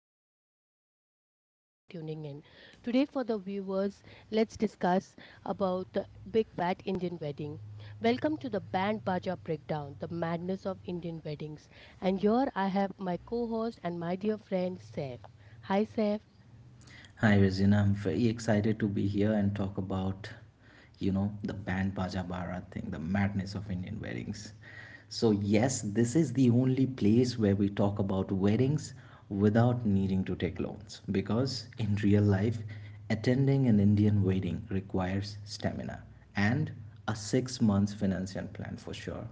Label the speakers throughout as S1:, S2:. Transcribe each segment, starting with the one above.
S1: Shadi Mubarak to everyone tuning in. Today for the viewers, let's discuss about the big fat Indian wedding. Welcome to the Band Baja Breakdown, the madness of Indian weddings. And here I have my co-host and my dear friend Saif. Hi Saif.
S2: Hi Regina, I'm very excited to be here and talk about, you know, the band Baja Bharat thing, the madness of Indian weddings. So yes, this is the only place where we talk about weddings without needing to take loans because in real life, attending an Indian wedding requires stamina and a 6 months financial plan for sure.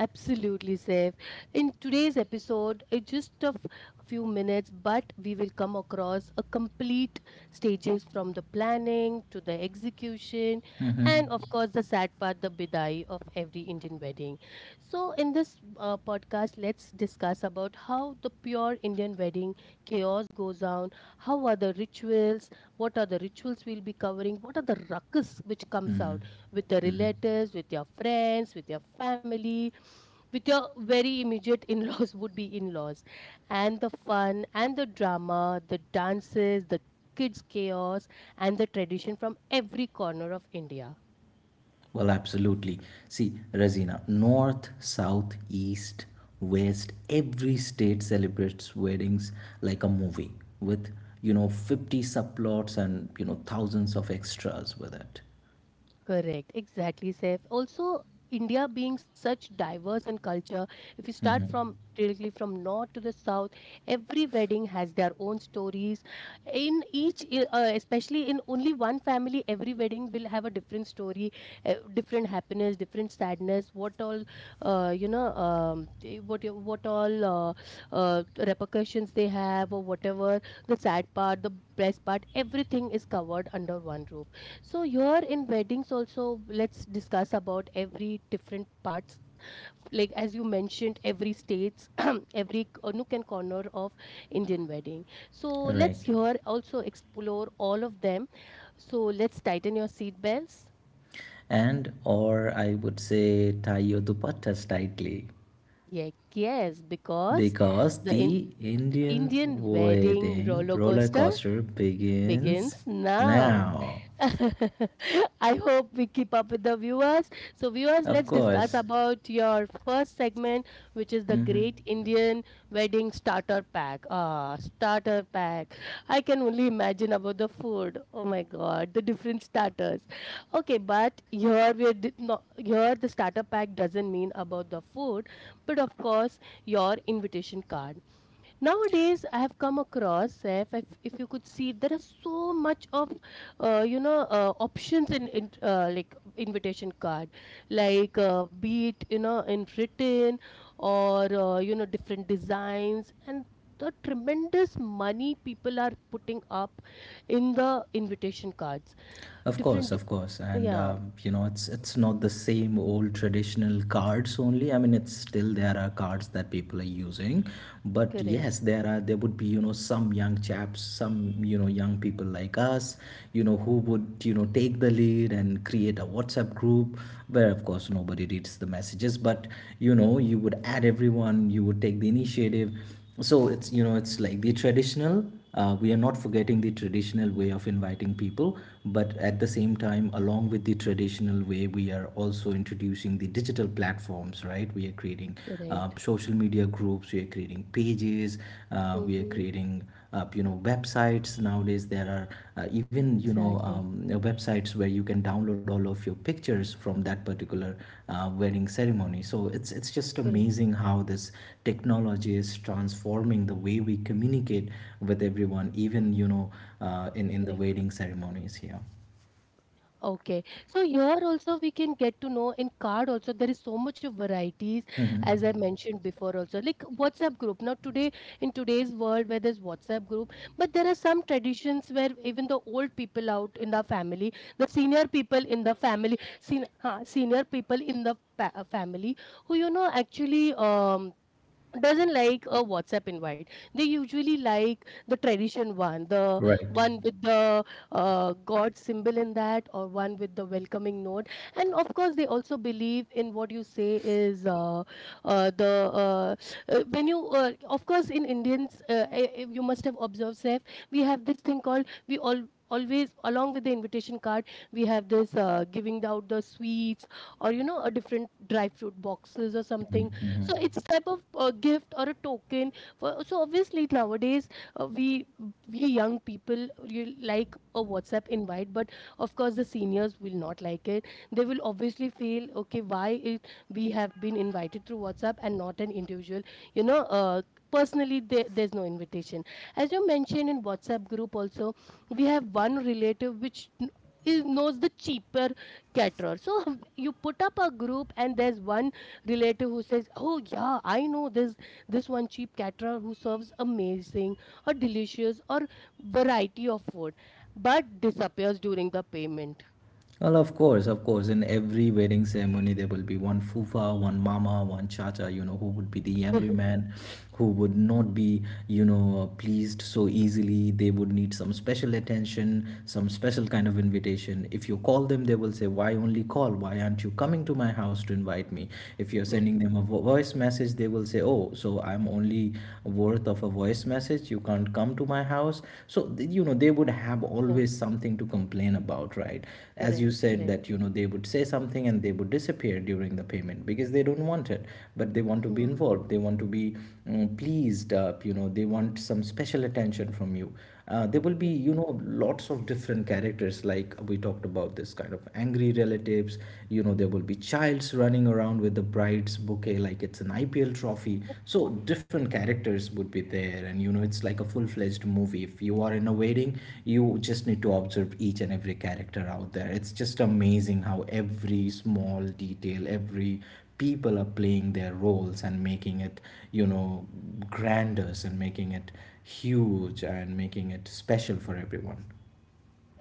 S1: Absolutely, safe. In today's episode, it's just a few minutes, but we will come across a complete stages from the planning to the execution, and of
S2: Mm-hmm.
S1: course, the sad part, the bidai of every Indian wedding. So, in this podcast, let's discuss about how the pure Indian wedding chaos goes down. How are the rituals? What are the rituals we'll be covering? What are the ruckus which comes
S2: Mm-hmm.
S1: out with the
S2: Mm-hmm.
S1: relatives, with your friends, with your family? With your very immediate in-laws would be in-laws, and the fun and the drama, the dances, the kids chaos, and the tradition from every corner of India.
S2: Well, absolutely. See, Razina, north, south, east, west, every state celebrates weddings like a movie with, you know, 50 subplots and, you know, thousands of extras with it.
S1: Correct, exactly, Saif. Also, India being such diverse in culture, if you start
S2: hmm
S1: from directly from north to the south, every wedding has their own stories. In each, especially in only one family, every wedding will have a different story, different happiness, different sadness. What all, what all uh, repercussions they have, or whatever the sad part, the best part, everything is covered under one roof. So here in weddings also, let's discuss about every different parts, like as you mentioned, every states every nook and corner of Indian wedding. So let's
S2: Right.
S1: here also explore all of them. So let's tighten your seat belts.
S2: And, or I would say, tie your dupattas tightly
S1: Yeah, yes, because
S2: because
S1: the
S2: the Indian
S1: Indian wedding
S2: wedding
S1: roller
S2: roller
S1: coaster
S2: coaster begins
S1: begins now.
S2: now.
S1: I hope we keep up with the viewers. So, viewers,
S2: Of
S1: let's discuss
S2: course.
S1: about your first segment, which is the Great Indian Wedding Starter Pack. Ah, starter pack. I can only imagine about the food. Oh my God, the different starters. Okay, but here we are not here, the starter pack doesn't mean about the food, but of course your invitation card. Nowadays I have come across, if you could see, there are so much of options in like invitation card, like be it in written or different designs, and the tremendous money people are putting up in the invitation cards.
S2: Of course,
S1: Different.
S2: of course, and
S1: Yeah.
S2: you know it's not the same old traditional cards only. I mean, it's still there are cards that people are using, but yes,
S1: Correct,
S2: there would be you know some young chaps, some you know young people like us, you know who would you know take the lead and create a WhatsApp group where of course nobody reads the messages, but you know you would add everyone, you would take the initiative so it's you know it's like the traditional we are not forgetting the traditional way of inviting people but at the same time along with the traditional way we are also introducing the digital platforms right we are creating
S1: correct.
S2: social media groups we are creating pages we are
S1: Mm-hmm.
S2: creating up you know websites nowadays there are even you know
S1: Exactly.
S2: websites where you can download all of your pictures from that particular wedding ceremony so it's just
S1: Correct,
S2: amazing how this technology is transforming the way we communicate with everyone even you know in the
S1: correct.
S2: wedding ceremonies here.
S1: Okay, so here also we can get to know in card also there is so much of varieties,
S2: Mhm.
S1: as I mentioned before also, like WhatsApp group. Now today, in today's world where there's WhatsApp group, but there are some traditions where even the old people out in the family, the senior people in the family who actually doesn't like a WhatsApp invite. They usually like the tradition one, the
S2: Right.
S1: one with the God symbol in that, or one with the welcoming note. And of course, they also believe in what you say is. The When you, of course, in Indians, you must have observed, Saif, we have this thing called we all. Always, along with the invitation card, we have this giving out the sweets or a different dry fruit boxes or something, so it's type of a gift or a token. For so obviously nowadays, uh, we we young people you like a WhatsApp invite, but of course the seniors will not like it. They will obviously feel, okay, why it, we have been invited through WhatsApp and not an individual, you know uh, personally. There's no invitation. As you mentioned, in WhatsApp group also, we have one relative which is knows the cheaper caterer. So you put up a group and there's one relative who says, "Oh yeah, I know this, one cheap caterer who serves amazing or delicious or variety of food, but disappears during the payment."
S2: Well, of course, of course. In every wedding ceremony, there will be one fufa, one mama, one chacha, you know, who would be the angry man, who would not be, you know, pleased so easily. They would need some special attention, some special kind of invitation. If you call them, they will say, why only call? Why aren't you coming to my house to invite me? If you're sending them a voice message, they will say, oh, so I'm only worth of a voice message, you can't come to my house so you know they would have always something to complain about, right, as you
S1: Correct,
S2: said
S1: correct,
S2: that you know they would say something and they would disappear during the payment because they don't want it but they want to be involved, they want to be pleased up you know they want some special attention from you. There will be you
S1: correct.
S2: know lots of different characters. Like we talked about this kind of angry relatives, you know there will be childs running around with the bride's bouquet like it's an IPL trophy, so different characters would be there and you know it's like a full-fledged movie if you are in a wedding. You just need to observe each and every character out there. It's just amazing how every small detail, every people are playing their roles and making it, you know, grander and making it huge and making it special for everyone.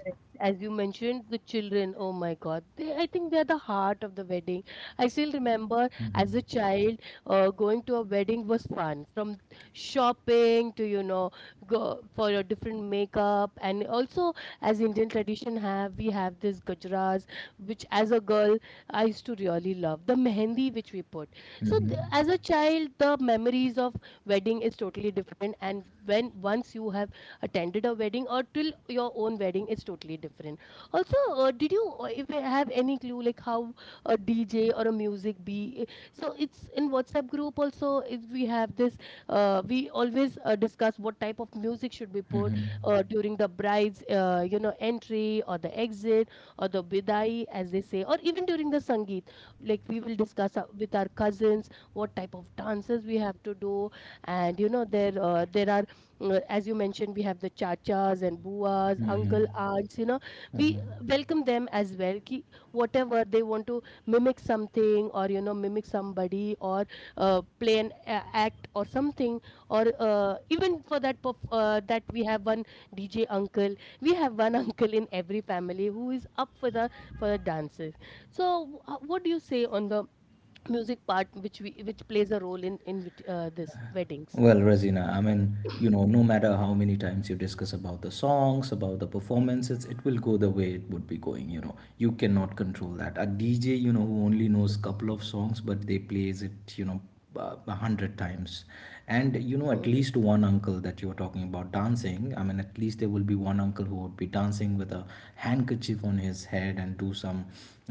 S1: Correct. As you mentioned, the children, oh my God, they, I think they are the heart of the wedding. I still remember
S2: hmm
S1: as a child, going to a wedding was fun. From shopping to, go for a different makeup. And also, as Indian tradition have, we have this gajras, which as a girl, I used to really love. The mehendi which we put. So
S2: hmm
S1: th as a child, the memories of wedding is totally different. And when once you have attended a wedding or till your own wedding is totally different. Also, did you, if you have any clue like how a DJ or a music be. So it's in WhatsApp group also, if we have this, we always discuss what type of music should be put during the bride's entry or the exit or the bidai, as they say, or even during the sangeet. Like we will discuss, with our cousins, what type of dances we have to do. And you know, there are, as you mentioned, we have the chachas and buas,
S2: hmm
S1: uncle, aunts, you know, we
S2: hmm
S1: welcome them as well. Ki whatever they want to mimic something or, mimic somebody or play an act or something, or even for that, that we have one DJ uncle. We have one uncle in every family who is up for the dances. So, what do you say on the music part, which we which plays a role in this weddings?
S2: Well, Razina, I mean, you know, no matter how many times you discuss about the songs, about the performances, it will go the way it would be going, you know. You cannot control that. A DJ, you know, who only knows couple of songs, but they plays it, you know, 100 times. And, you know, at
S1: Yeah,
S2: least one uncle that you were talking about dancing, I mean, at least there will be one uncle who would be dancing with a handkerchief on his head and do some,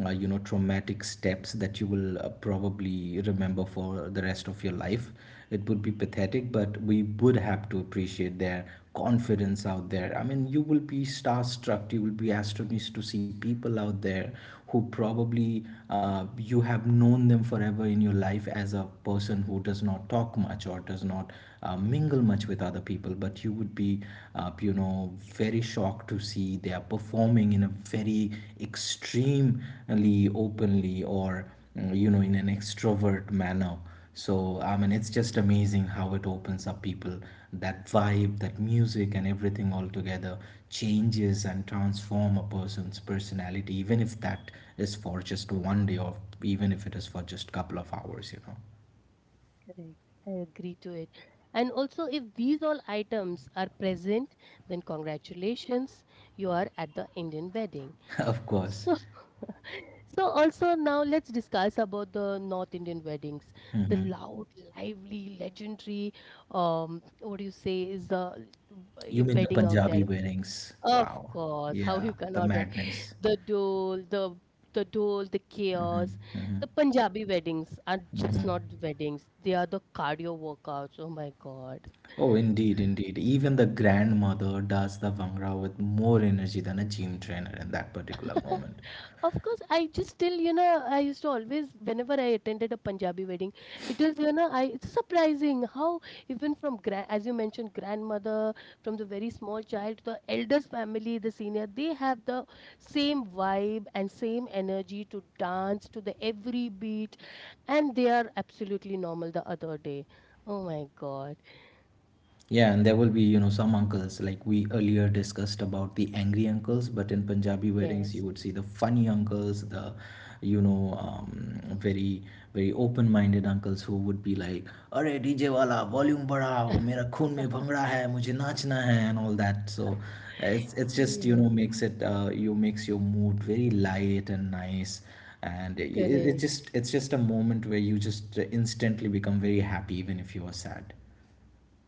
S2: know traumatic steps that you will probably remember for the rest of your life. It would be pathetic but we would have to appreciate their confidence out there. I mean you will be starstruck, you will be astonished to see people out there who probably you have known them forever in your life as a person who does not talk much or does not mingle much with other people but you would be you know very shocked to see they are performing in a very extremely openly or you know in an extrovert manner. So I mean it's just amazing how it opens up people. That vibe, that music, and everything all together changes and transform a person's personality even if that is for just one day or even if it is for just couple of hours, you know.
S1: correct. I agree to it. And also, if these all items are present, then congratulations, you are at the Indian wedding.
S2: Of course.
S1: So, so also now, let's discuss about the North Indian weddings. The loud, lively, legendary, what do you say is the
S2: You mean the
S1: wedding out
S2: Punjabi
S1: there?
S2: weddings?
S1: Of
S2: Wow,
S1: course, how you
S2: yeah, the
S1: cannot. Wear.
S2: madness.
S1: The dole, the dole, the chaos. The Punjabi weddings are just not weddings. They are the cardio workouts. Oh my God.
S2: Oh, indeed, indeed. Even the grandmother does the vangra with more energy than a gym trainer in that particular moment.
S1: Of course, I just still, I used to always, whenever I attended a Punjabi wedding, it is, I it's surprising how even from grand, as you mentioned, grandmother, from the very small child, to the elders family, the senior, they have the same vibe and same energy to dance to the every beat, and they are absolutely normal the other day. Oh my God!
S2: Yeah, and there will be, you know, some uncles like we earlier discussed about the angry uncles, but in Punjabi weddings, you
S1: Yes,
S2: would see the funny uncles, the, you know, very open minded uncles who would be like, Arey DJ wala, volume badhao, mera khun mein bhangra hai, mujhe nachna hai, and all that. So it's just, you
S1: yes,
S2: know, makes it, you makes your mood very light and nice. And it
S1: correct.
S2: just, it's just a moment where you just instantly become very happy, even if you are sad.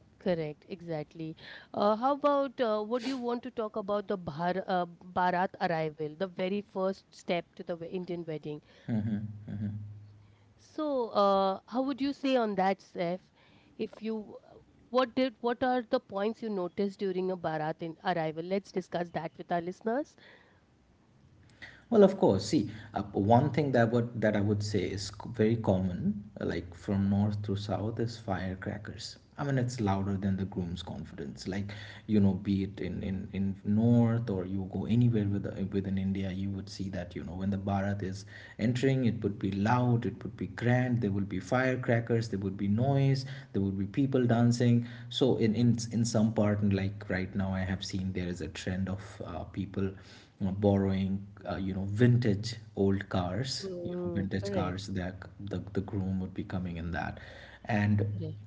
S1: Correct, exactly. How about would you want to talk about the Bharat arrival, the very first step to the Indian wedding? So, how would you say on that, Seth? If you, what did, What are the points you noticed during a Bharat in arrival? Let's discuss that with our listeners.
S2: Well, of course. See, one thing that would that I would say is very common, like from north to south, is firecrackers. I mean, it's louder than the groom's confidence. Like, you know, be it in in north or you go anywhere with within India, you would see that you know when the Bharat is entering, it would be loud, it would be grand. There would be firecrackers, there would be noise, there would be people dancing. So in in some part, and like right now, I have seen there is a trend of people, you know, borrowing, you know, vintage old cars, you know,
S1: Mm,
S2: vintage
S1: correct,
S2: cars that the groom would be coming in that. And
S1: correct.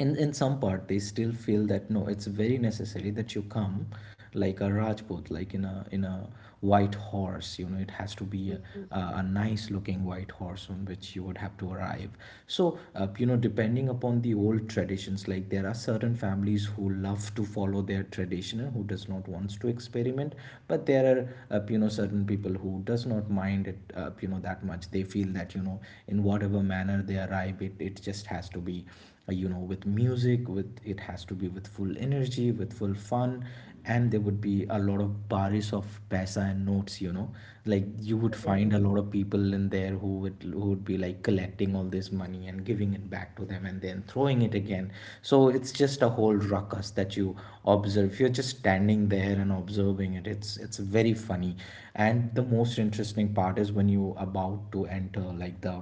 S2: in some part, they still feel that no, it's very necessary that you come like a Rajput, like in a white horse, you know it has to be a,
S1: Mhm,
S2: a nice looking white horse on which you would have to arrive. So you know depending upon the old traditions, like there are certain families who love to follow their tradition and who does not wants to experiment, but there are you know certain people who does not mind it you know that much. They feel that you know in whatever manner they arrive it, it just has to be you know with music, with it has to be with full energy with full fun. And there would be a lot of baris of paisa and notes, you know, like you would find
S1: correct.
S2: a lot of people in there who would be like collecting all this money and giving it back to them and then throwing it again. So it's just a
S1: Uh,
S2: whole ruckus that you observe. You're just standing there and observing it. It's very funny. And the most interesting part is when you about to enter, like the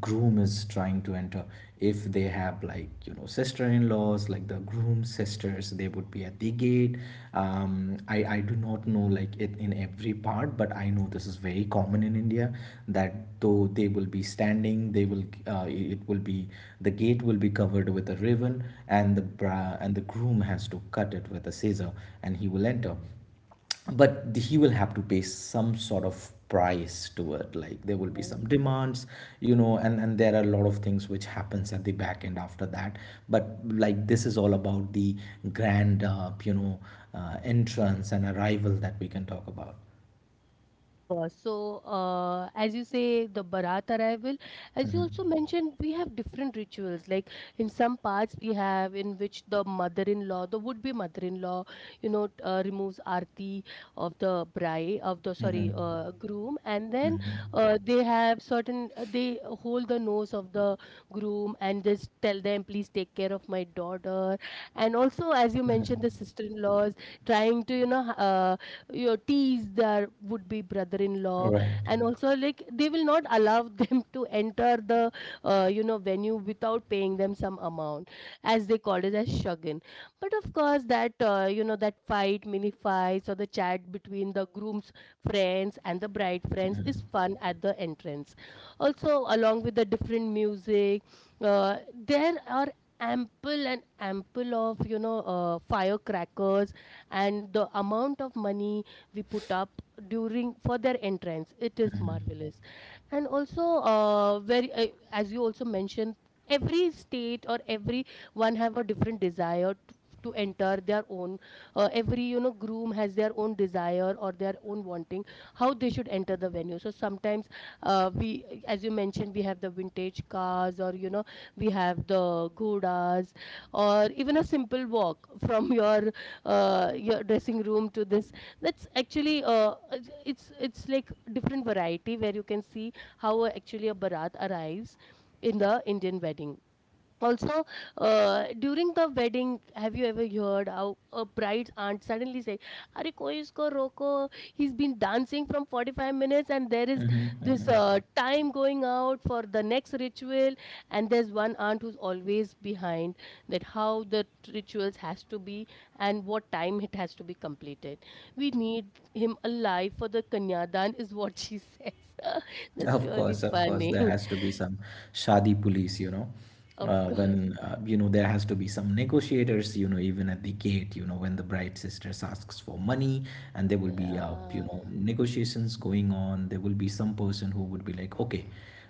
S2: groom is trying to enter. If they have like you know sister-in-laws like the groom's sisters, they would be at the gate. I do not know like it in every part but I know this is very common in India, that though they will be standing they will it will be the gate will be covered with a ribbon and the bra and the groom has to cut it with a scissor and he will enter,
S1: yeah,
S2: but he will have to pay some sort of price to it. Like there will be
S1: yeah.
S2: some demands, you know, and there are a lot of things which happens at the back end after that. But like this is all about the grand entrance and arrival that we can talk about.
S1: Diverse. So, as you say, the Bharat arrival, as you
S2: Mhm,
S1: also mentioned, we have different rituals. Like in some parts, we have in which the mother-in-law, the would-be mother-in-law, removes arti of the bride of the
S2: mhm,
S1: sorry groom, and then
S2: mhm,
S1: they have certain, they hold the nose of the groom and just tell them, please take care of my daughter. And also, as you mentioned,
S2: mhm.
S1: the sister-in-laws trying to your teas, their would be brother-in-law,
S2: Right.
S1: and also like they will not allow them to enter the venue without paying them some amount, as they call it as shagan. But of course, that you know that fight, mini fights, or the chat between the groom's friends and the bride friends is fun at the entrance. Also, along with the different music, uh, there are ample and ample of firecrackers, and the amount of money we put up during for their entrance, it is
S2: Mhm,
S1: marvelous. And also, very as you also mentioned, every state or every one have a different desire to, enter their own. Every groom has their own desire or their own wanting, how they should enter the venue. So sometimes, we as you mentioned, we have the vintage cars, or we have the ghodas, or even a simple walk from your dressing room to this. That's actually. It's like different variety, where you can see how actually a barat arrives in the Indian wedding. Also, during the wedding, have you ever heard how a bride's aunt suddenly say, "Arey, koi isko roko? He's been dancing from 45 minutes, and there is
S2: mhm,
S1: this
S2: mhm.
S1: time going out for the next ritual." And there's one aunt who's always behind that how the rituals has to be and what time it has to be completed. We need him alive for the kanyadan, is what she says. That's really
S2: Of course, there
S1: funny.
S2: has to be some shadi police, you know,
S1: Of course.
S2: when you know there has to be some negotiators, you know, even at the gate, you know, when the bride sisters asks for money, and there will be you know
S1: Ah,
S2: negotiations going on. There will be some person who would be like, okay,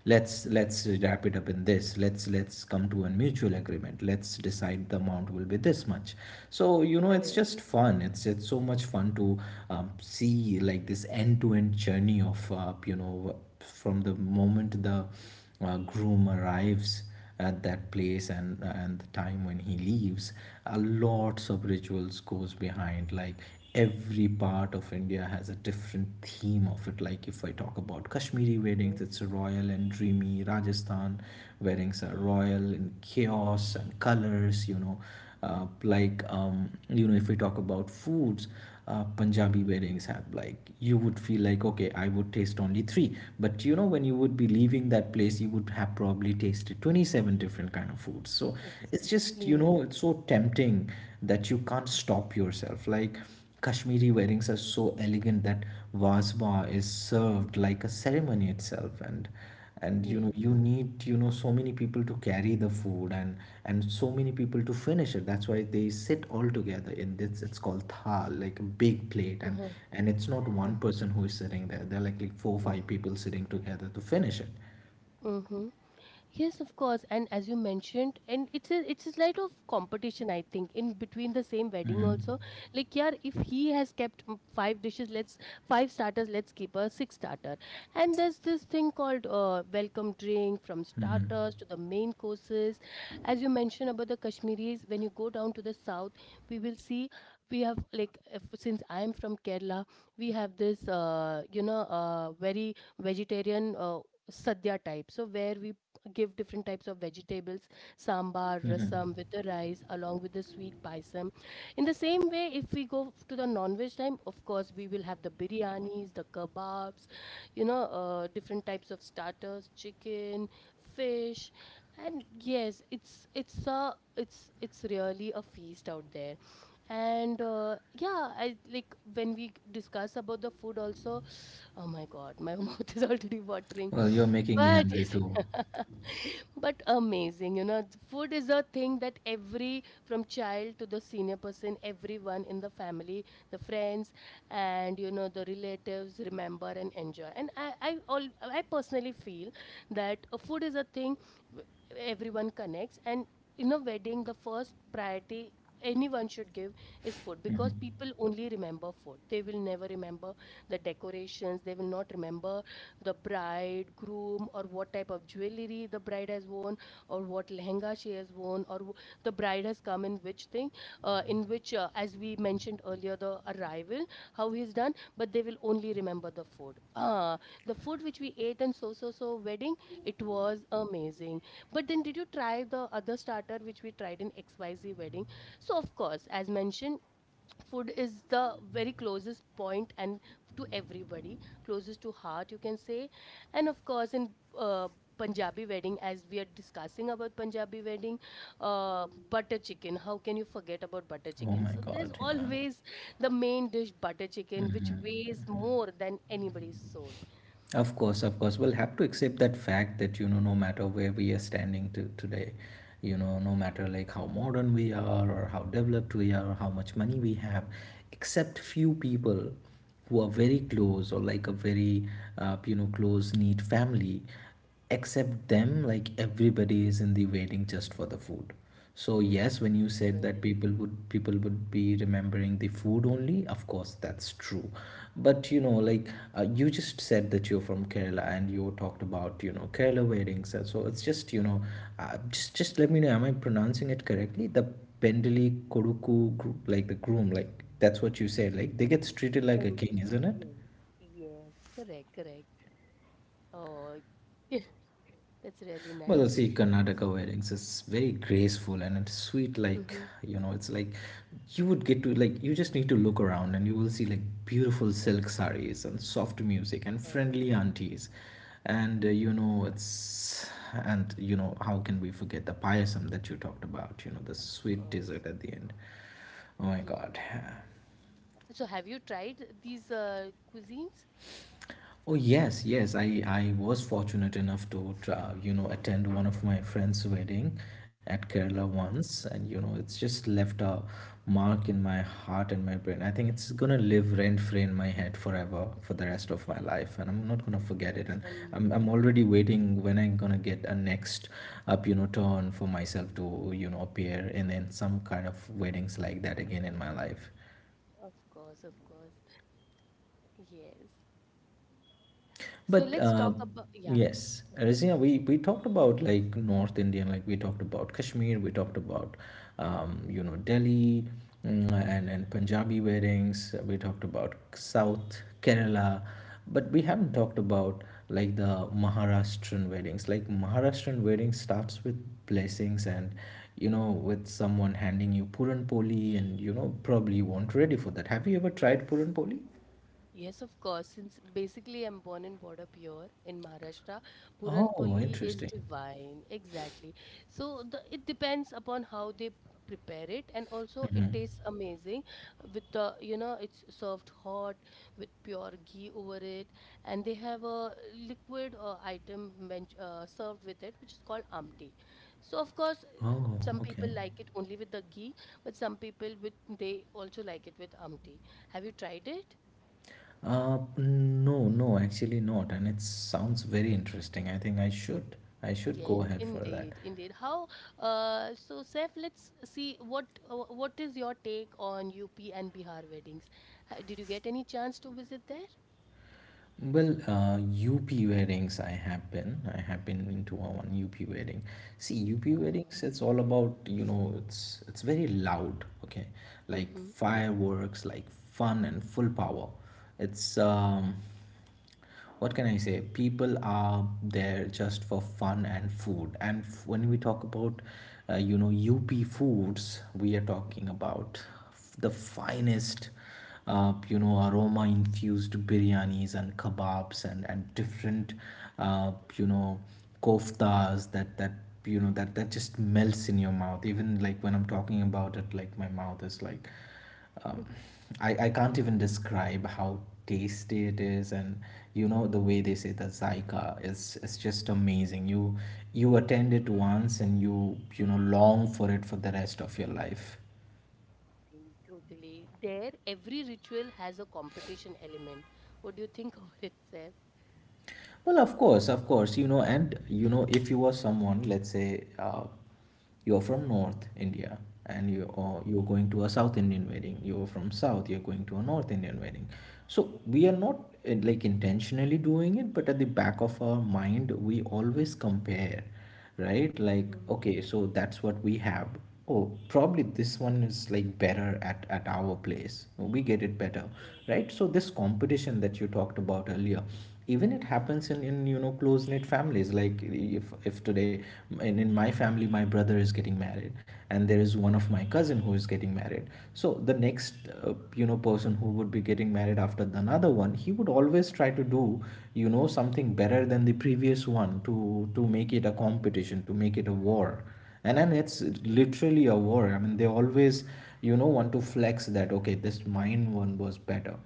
S2: let's wrap it up in this. Let's come to a mutual agreement. Let's decide the amount will be this much. So you know, it's
S1: correct.
S2: just fun. It's so much fun to see like this end to end journey of you know from the moment the groom arrives at that place and the time when he leaves. A lots of rituals goes behind, like every part of India has a different theme of it. Like if I talk about Kashmiri weddings,
S1: Yes,
S2: it's royal and dreamy. Rajasthan weddings are royal in chaos and colors, you know. Like you know, if we talk about foods, Punjabi weddings have, like you would feel like, okay, I would taste only three, but you know, when you would be leaving that place, you would have probably tasted 27 different kind of foods. So it's just, you
S1: exactly.
S2: know, it's so tempting that you can't stop yourself. Like Kashmiri weddings are so elegant that wasba is served like a ceremony itself, and you know,
S1: Yes.
S2: you need, you know, so many people to carry the food, and so many people to finish it. That's why they sit all together in this, it's called thal, like a big plate,
S1: Uh-huh.
S2: and it's not one person who is sitting there. They're like four
S1: Mhm.
S2: five people sitting together to finish it.
S1: Mhm. Yes, of course. And as you mentioned, and it's a slight of competition, I think, in between the same wedding also. Like, yeah, if he has kept five dishes, let's five starters, let's keep a six starter. And there's this thing called welcome drink, from starters to the main courses. As you mentioned about the Kashmiris, when you go down to the south, we will see, we have, like, if, since I am from Kerala, we have this very vegetarian. Sadhya type, so where we give different types of vegetables, sambar, rasam with the rice, along with the sweet paisam. In the same way, if we go to the non-veg time, of course, we will have the biryanis, the kebabs, different types of starters, chicken, fish, and yes, it's really a feast out there. And yeah, I like when we discuss about the food also. Oh my God, my mouth is already watering.
S2: Well, you're making me
S1: But
S2: hungry
S1: yes,
S2: too.
S1: but amazing, food is a thing that every from child to the senior person, everyone in the family, the friends, and the relatives remember and enjoy. And I personally feel that food is a thing w- everyone connects, and in a wedding, the first priority anyone should give is food, because people only remember food. They will never remember the decorations. They will not remember the bride, groom, or what type of jewelry the bride has worn, or what lehenga she has worn, or the bride has come in which thing, in which, as we mentioned earlier, the arrival, how he's done, but they will only remember the food. Ah, the food which we ate in So So So wedding, it was amazing. But then, did you try the other starter which we tried in XYZ wedding? So, of course, as mentioned, food is the very closest point, and to everybody, closest to heart, you can say. And of course, in uh, Punjabi wedding, as we are discussing about Punjabi wedding, butter chicken, how can you forget about butter
S2: Oh
S1: chicken?
S2: my
S1: So there's
S2: God, yeah.
S1: always the main dish, butter chicken, which weighs more than anybody's soul.
S2: Of course, of course. We'll have to accept that fact that, you know, no matter where we are standing to today, you know, no matter like how modern we are or how developed we are or how much money we have, except few people who are very close or like a very, you know, close knit family, except them, like everybody is in the waiting just for the food. So yes, when you said
S1: Correct.
S2: that people would be remembering the food only, of course that's true. But you know, like you just said that you're from Kerala and you talked about, you know, Kerala weddings, and so it's just, you know, just let me know, am I pronouncing it correctly, the pendali koduku group, like the groom, like that's what you said, like they get treated like
S1: Well,
S2: a king, isn't it?
S1: yes, yes, correct, correct. Oh, that's really
S2: Well,
S1: nice.
S2: see, Karnataka
S1: So,
S2: weddings is very graceful and it's sweet. Like
S1: mhm.
S2: you know, it's like you would get to, like you just need to look around and you will see like beautiful silk sarees and soft music and friendly
S1: Correct.
S2: aunties, and you know, it's, and you know, how can we forget the payasam that you talked about? You know, the
S1: Of
S2: sweet
S1: course.
S2: dessert at the end. Oh my God.
S1: Yes. So have you tried these cuisines?
S2: Oh yes, yes. I was fortunate enough to you know, attend one of my friend's wedding at Kerala
S1: Oh,
S2: once, and you know, it's just left a mark in my heart and my brain. I think it's gonna live rent free in my head forever for the rest of my life, and I'm not gonna forget it.
S1: that's
S2: And I'm already waiting when I'm gonna get a next up, you know, turn for myself to, you know, appear in some kind of weddings like that again in my life.
S1: of course, of course. Yes. So
S2: But
S1: let's talk about, yeah.
S2: yes, Razina, we talked about like North Indian, like we talked about Kashmir, we talked about you know, Delhi, mm, and Punjabi weddings. We talked about South Kerala, but we haven't talked about like the Maharashtrian weddings. Like Maharashtrian wedding starts with blessings and, you know, with someone handing you puran poli, and you know, probably you weren't ready for that. Have you ever tried puran poli?
S1: Yes, of course. Since basically I'm born and brought up here in Maharashtra, Puran
S2: Oh,
S1: Poli is
S2: interesting.
S1: divine. Exactly. So it depends upon how they prepare it, and also it tastes amazing with the, you know, it's served hot with pure ghee over it, and they have a liquid item served with it, which is called amti. So of course,
S2: Oh,
S1: some
S2: okay.
S1: people like it only with the ghee, but some people with they also like it with amti. Have you tried it?
S2: No, no, actually not. And it sounds very interesting. I think I should go
S1: Yes,
S2: ahead for that.
S1: indeed, indeed. So Saif, let's see what is your take on UP and Bihar weddings? Did you get any chance to visit there?
S2: Well, UP weddings, I have been into a one UP wedding. See, UP
S1: Uh,
S2: weddings, it's all about, you know, it's very loud, okay? Like
S1: Mm-hmm.
S2: fireworks, like fun and full power. It's what can I say? People are there just for fun and food. And when we talk about, you know, UP foods, we are talking about the finest, you know, aroma infused biryanis and kebabs and different, you know, koftas that that, you know, that just melts in your mouth. Even like when I'm talking about it, like my mouth is like um, I can't even describe how tasty it is. And you know, the
S1: mm,
S2: way they say, the zyka is, it's just amazing. You attend it once and you know, long for it for the rest of your life.
S1: totally. There, every ritual has a competition element. What do you think over it, Saif?
S2: Well, of course, you know, and you know, if you are someone, let's say, you're from North India, and you, or you're going to a South Indian wedding, you're from South, you're going to a North Indian wedding. So we are not like intentionally doing it, but at the back of our mind, we always compare, right? Like
S1: Mm-hmm.
S2: okay, so that's what we have, oh probably
S1: Mm-hmm.
S2: this one is like better at our place. Oh, we get it better.
S1: Correct,
S2: Right, so this competition that you talked about earlier, even it happens in you know, close knit families. Like if today in my family my brother is getting married, and there is one of my cousins who is getting married, so the next you know, person who would be getting married after the another one, he would always try to do, you know, something better than the previous one, to make it a competition, to make it a war. And then it's
S1: correct.
S2: literally a war, I mean, they always, you know, want to flex that, okay, this mine one was better.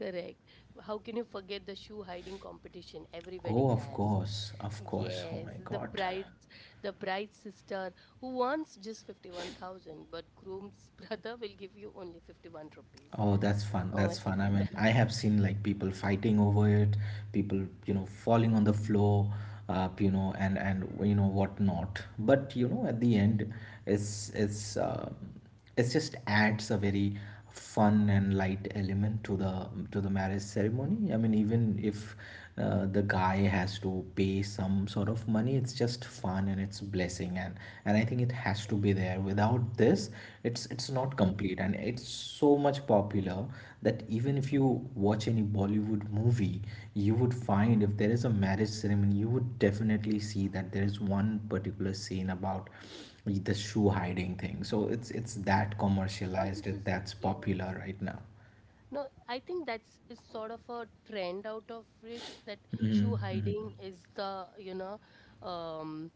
S1: Correct. How can you forget the shoe hiding competition every wedding
S2: Oh, of
S1: has?
S2: course, of course, oh
S1: Yes,
S2: my
S1: the
S2: God.
S1: bride, the bride's sister who wants just 51,000, but groom's brother will give you only 51 rupees.
S2: Oh, that's fun.
S1: Oh
S2: That's
S1: my
S2: fun. I mean,
S1: God.
S2: I have seen like people fighting over it, people, you know, falling on the
S1: Yes,
S2: floor, you know, and you know what not. But you know, at the
S1: correct.
S2: end, it's it's just adds a very fun and light element to the marriage ceremony. I mean, even if the guy has to pay some sort of money, it's just fun and it's blessing, and I think it has to be there. Without this, it's not
S1: Mm-hmm,
S2: complete. And it's so much popular that even if
S1: mm-hmm.
S2: you watch any Bollywood movie, you would find, if there is a marriage ceremony, you would definitely see that there is one particular scene about the shoe hiding thing. So it's that
S1: Now
S2: commercialized,
S1: this
S2: it
S1: is,
S2: that's
S1: yes.
S2: popular right now.
S1: No, I think that's is sort of a trend out of it, that shoe
S2: Mm-hmm.
S1: hiding is um,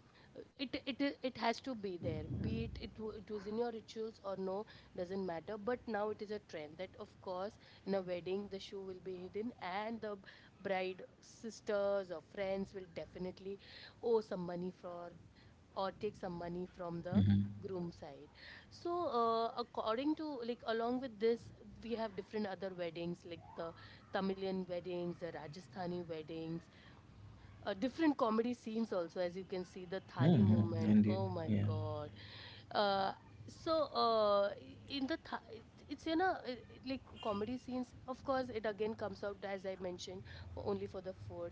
S1: it has to be there. Be it it was in your rituals or no, doesn't matter. But now it is a trend that, of course, in a wedding the shoe will be hidden, and the bride sisters or friends will definitely owe some money for, or take some money from the groom side. So according to, like, along with this, we have different other weddings, like the Tamilian weddings, the Rajasthani weddings, different comedy scenes also, as you can see the thali
S2: Mm-hmm.
S1: movement.
S2: Indeed,
S1: Oh my
S2: yeah.
S1: god. Uh, so in the it's in a like comedy scenes, of course, it again comes out, as I mentioned, for only for the food.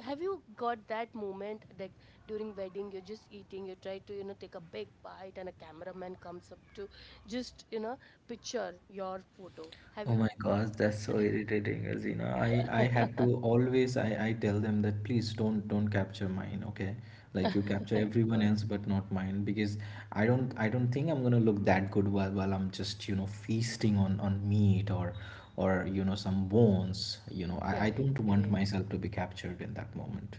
S1: Have you got that moment, like, during wedding you're just eating, you try to take a big bite, and a cameraman comes up to just picture your photo. Have
S2: Oh
S1: you?
S2: my gosh, that's so irritating, Azina. I had
S1: Of
S2: to always I tell them that please don't capture mine, okay? Like you capture everyone
S1: course.
S2: else but not mine, because I don't think I'm gonna look that good while I'm just, you know, feasting on meat or, you know, some bones. You know, I
S1: Correct,
S2: don't want
S1: correct.
S2: myself to be captured in that moment.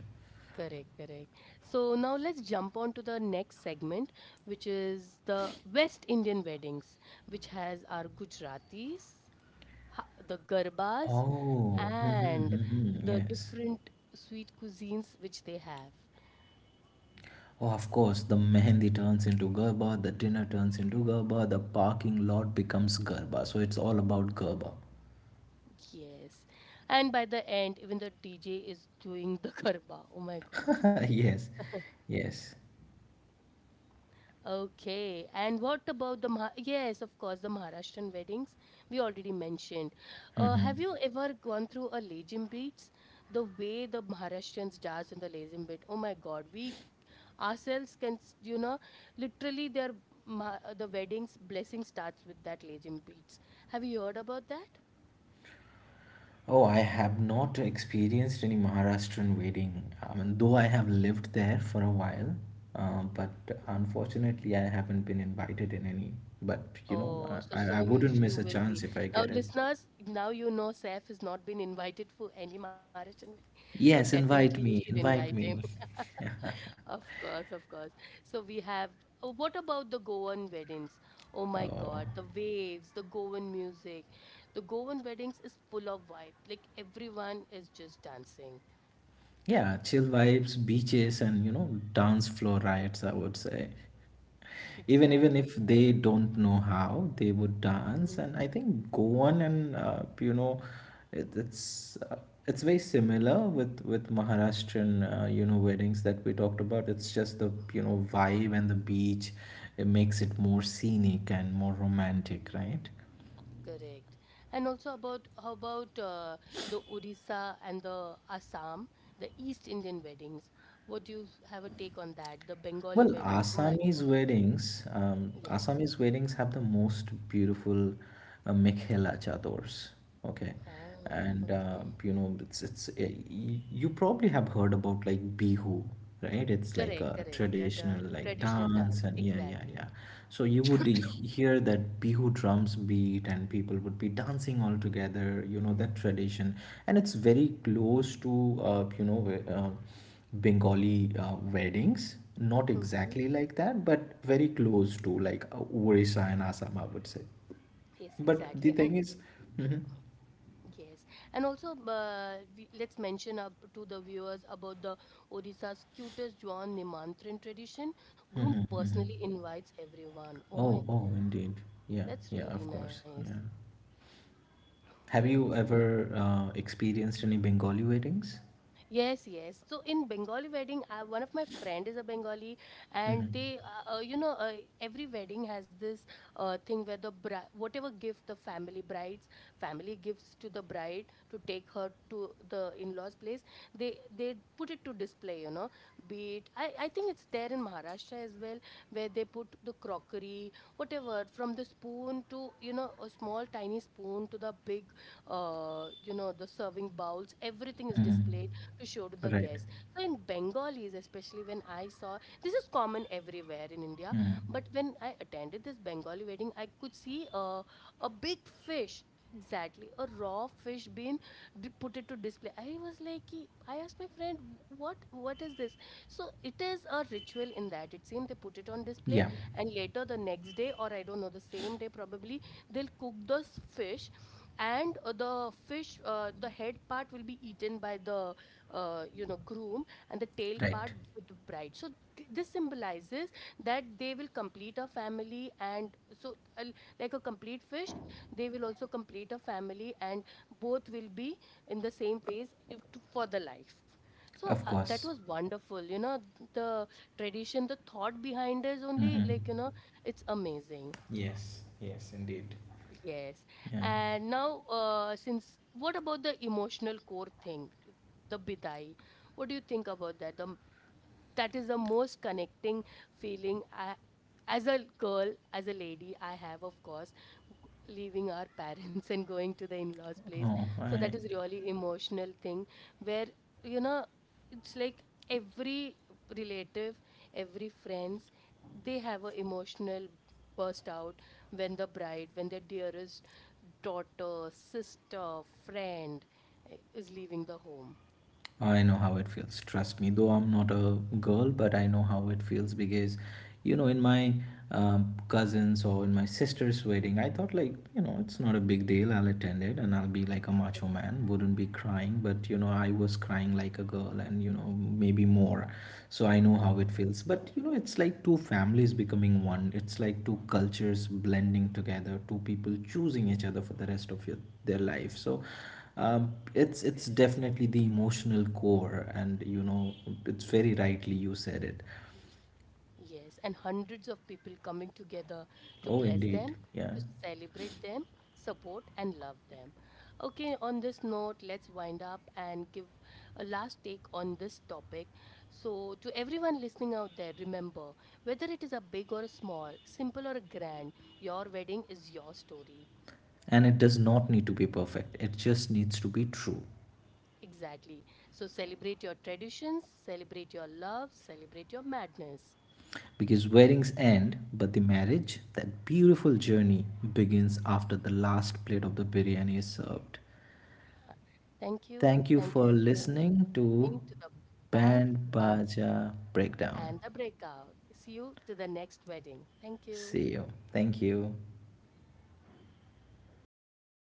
S1: Correct, correct. So now let's jump on to the next segment, which is the West Indian weddings, which has our Gujaratis, the garbas,
S2: Oh,
S1: and the
S2: yes.
S1: different sweet cuisines which they have.
S2: Oh, of course, the mehendi turns into garba, the dinner turns into garba, the parking lot becomes garba. So it's all about garba.
S1: Yes. And by the end, even the DJ is doing the garba. Oh my god.
S2: Yes, yes.
S1: Okay. And what about the yes, of course, the Maharashtrian weddings we already mentioned. Uh,
S2: Mm-hmm.
S1: have you ever gone through a lezim beats? The way the Maharashtrians dance in the lezim beat. Oh my god. We ourselves can literally their the weddings blessing starts with that lezim beats. Have you heard about that?
S2: Oh, I have not experienced any Maharashtrian wedding. I mean, though I have lived there for a while, but unfortunately, I haven't been invited in any. But you know,
S1: Oh, so
S2: I
S1: soon
S2: wouldn't
S1: you
S2: miss a
S1: will
S2: chance
S1: be.
S2: if I
S1: Now,
S2: get it.
S1: listeners, now you know Saif has not been invited for any marriage wedding, so
S2: Yes,
S1: definitely you
S2: invite
S1: should
S2: me,
S1: invite
S2: invite
S1: him.
S2: me.
S1: Of course, of course. So we have. Oh, what about the Goan weddings? Oh my
S2: Oh.
S1: God, the waves, the Goan music. The Goan weddings is full of vibe. Like, everyone is just dancing.
S2: Yeah, chill vibes, beaches, and you know, dance floor riots, I would say. Even even if
S1: Exactly.
S2: they don't know how, they would dance.
S1: Mm-hmm.
S2: And I think Goan and you know, it, it's uh, it's very similar with Maharashtrian you know, weddings that we talked about. It's just the, you know, vibe and the beach, it makes it more scenic and more romantic, right?
S1: Correct. And also about how about the Odisha and the Assam, the East Indian weddings? What do you have a take on that? The Bengali
S2: Well,
S1: weddings. Oh my God. Yes.
S2: Assamese weddings have the most beautiful mekhela chadors. Okay,
S1: Ah,
S2: and
S1: okay.
S2: you know, it's you probably have heard about like bihu, right? It's like
S1: Correct,
S2: a
S1: correct. They're
S2: traditional,
S1: the
S2: like
S1: traditional
S2: dance,
S1: dance.
S2: and yeah, yeah,
S1: Exactly.
S2: yeah. So you would hear that bihu drums beat, and people would be dancing all together. You know that tradition, and it's very close to, you know. Bengali weddings, not
S1: Mm-hmm.
S2: exactly like that, but very close to like Orissa and Assam, I would say.
S1: Yes,
S2: But the
S1: exactly. And
S2: thing is, mhm.
S1: yes, and also let's mention up to the viewers about the Odisha's cutest Juan Nimantran tradition. Groom
S2: Mhm, mhm.
S1: personally invites everyone. Oh my
S2: Oh, oh,
S1: God.
S2: indeed. Yeah,
S1: That's
S2: yeah,
S1: really
S2: of course.
S1: nice.
S2: Yeah. Have
S1: Yes.
S2: you ever experienced any Bengali weddings?
S1: Yes, yes. So in Bengali wedding, one of my friend is a Bengali, and
S2: Mm-hmm.
S1: every wedding has this thing where the whatever gift the family bride's family gives to the bride to take her to the in-laws place, they put it to display. You know, be it I think it's there in Maharashtra as well, where they put the crockery, whatever, from the spoon to a small tiny spoon to the big, the serving bowls. Everything is
S2: Mm-hmm.
S1: displayed to show to the
S2: Right.
S1: guests. So in Bengalis, especially when I saw, this is common everywhere in India,
S2: Hmm.
S1: but when I attended this Bengali wedding, I could see a big fish. Exactly, a raw fish being put it to display. I was like, "Ki-" I asked my friend, "What? What is this?" So it is a ritual in that. It seemed they put it on display,
S2: Yeah,
S1: and later the next day, or I don't know, the same day probably, they'll cook the fish. And the fish, the head part will be eaten by the groom, and the tail part
S2: right.
S1: with the bride. So this symbolizes that they will complete a family. And so like a complete fish, they will also complete a family, and both will be in the same phase if, for the life. So
S2: Of
S1: that
S2: course.
S1: was wonderful. The tradition, the thought behind is only
S2: Mm-hmm.
S1: like, it's amazing.
S2: Yes, yes, indeed.
S1: Yes.
S2: Yeah.
S1: And now since, what about the emotional core thing, the bidai? What do you think about that, the that is the most connecting feeling. I, as a girl, as a lady, I have, of course, g- leaving our parents and going to the in-laws place,
S2: Oh,
S1: so that
S2: I
S1: is really emotional thing, where you know it's like every relative, every friends, they have a emotional burst out when their dearest daughter sister friend eh, is leaving the home.
S2: I know how it feels. Trust me, though I'm not a girl, but I know how it feels, because, you know, in my cousins or in my sister's wedding, I thought, like, you know, it's not a big deal. I'll attend it and I'll be like a macho man, wouldn't be crying. But, you know, I was crying like a girl, and you know, maybe more.
S1: Uh,
S2: So I know how it
S1: that's
S2: feels.
S1: so
S2: But, you know, it's like two families becoming one. It's like two cultures blending together, two people choosing each other for the rest of your, their life. So, it's
S1: correct.
S2: definitely the emotional core, and you know, it's very rightly you said it.
S1: Yes, and hundreds of people coming together to
S2: Oh,
S1: bless them,
S2: indeed,
S1: to
S2: yeah.
S1: celebrate them, support and love them. Okay, on this note, let's wind up and give a last take on this topic. So, to everyone listening out there, remember, whether it is a big or a small, simple or a grand, your wedding is your story.
S2: And it does not need to be perfect. It just needs to be true.
S1: Exactly. So, celebrate your traditions, celebrate your love, celebrate your madness.
S2: Because weddings end, but the marriage, that beautiful journey, begins after the last plate of the biryani is served.
S1: Uh, Thank you.
S2: Thank you for
S1: Thank you, everyone.
S2: listening to
S1: Thank to the band.
S2: Band
S1: Bye.
S2: Baja Breakdown.
S1: And the breakout. See you to the next wedding. Thank you.
S2: See you. Thank you.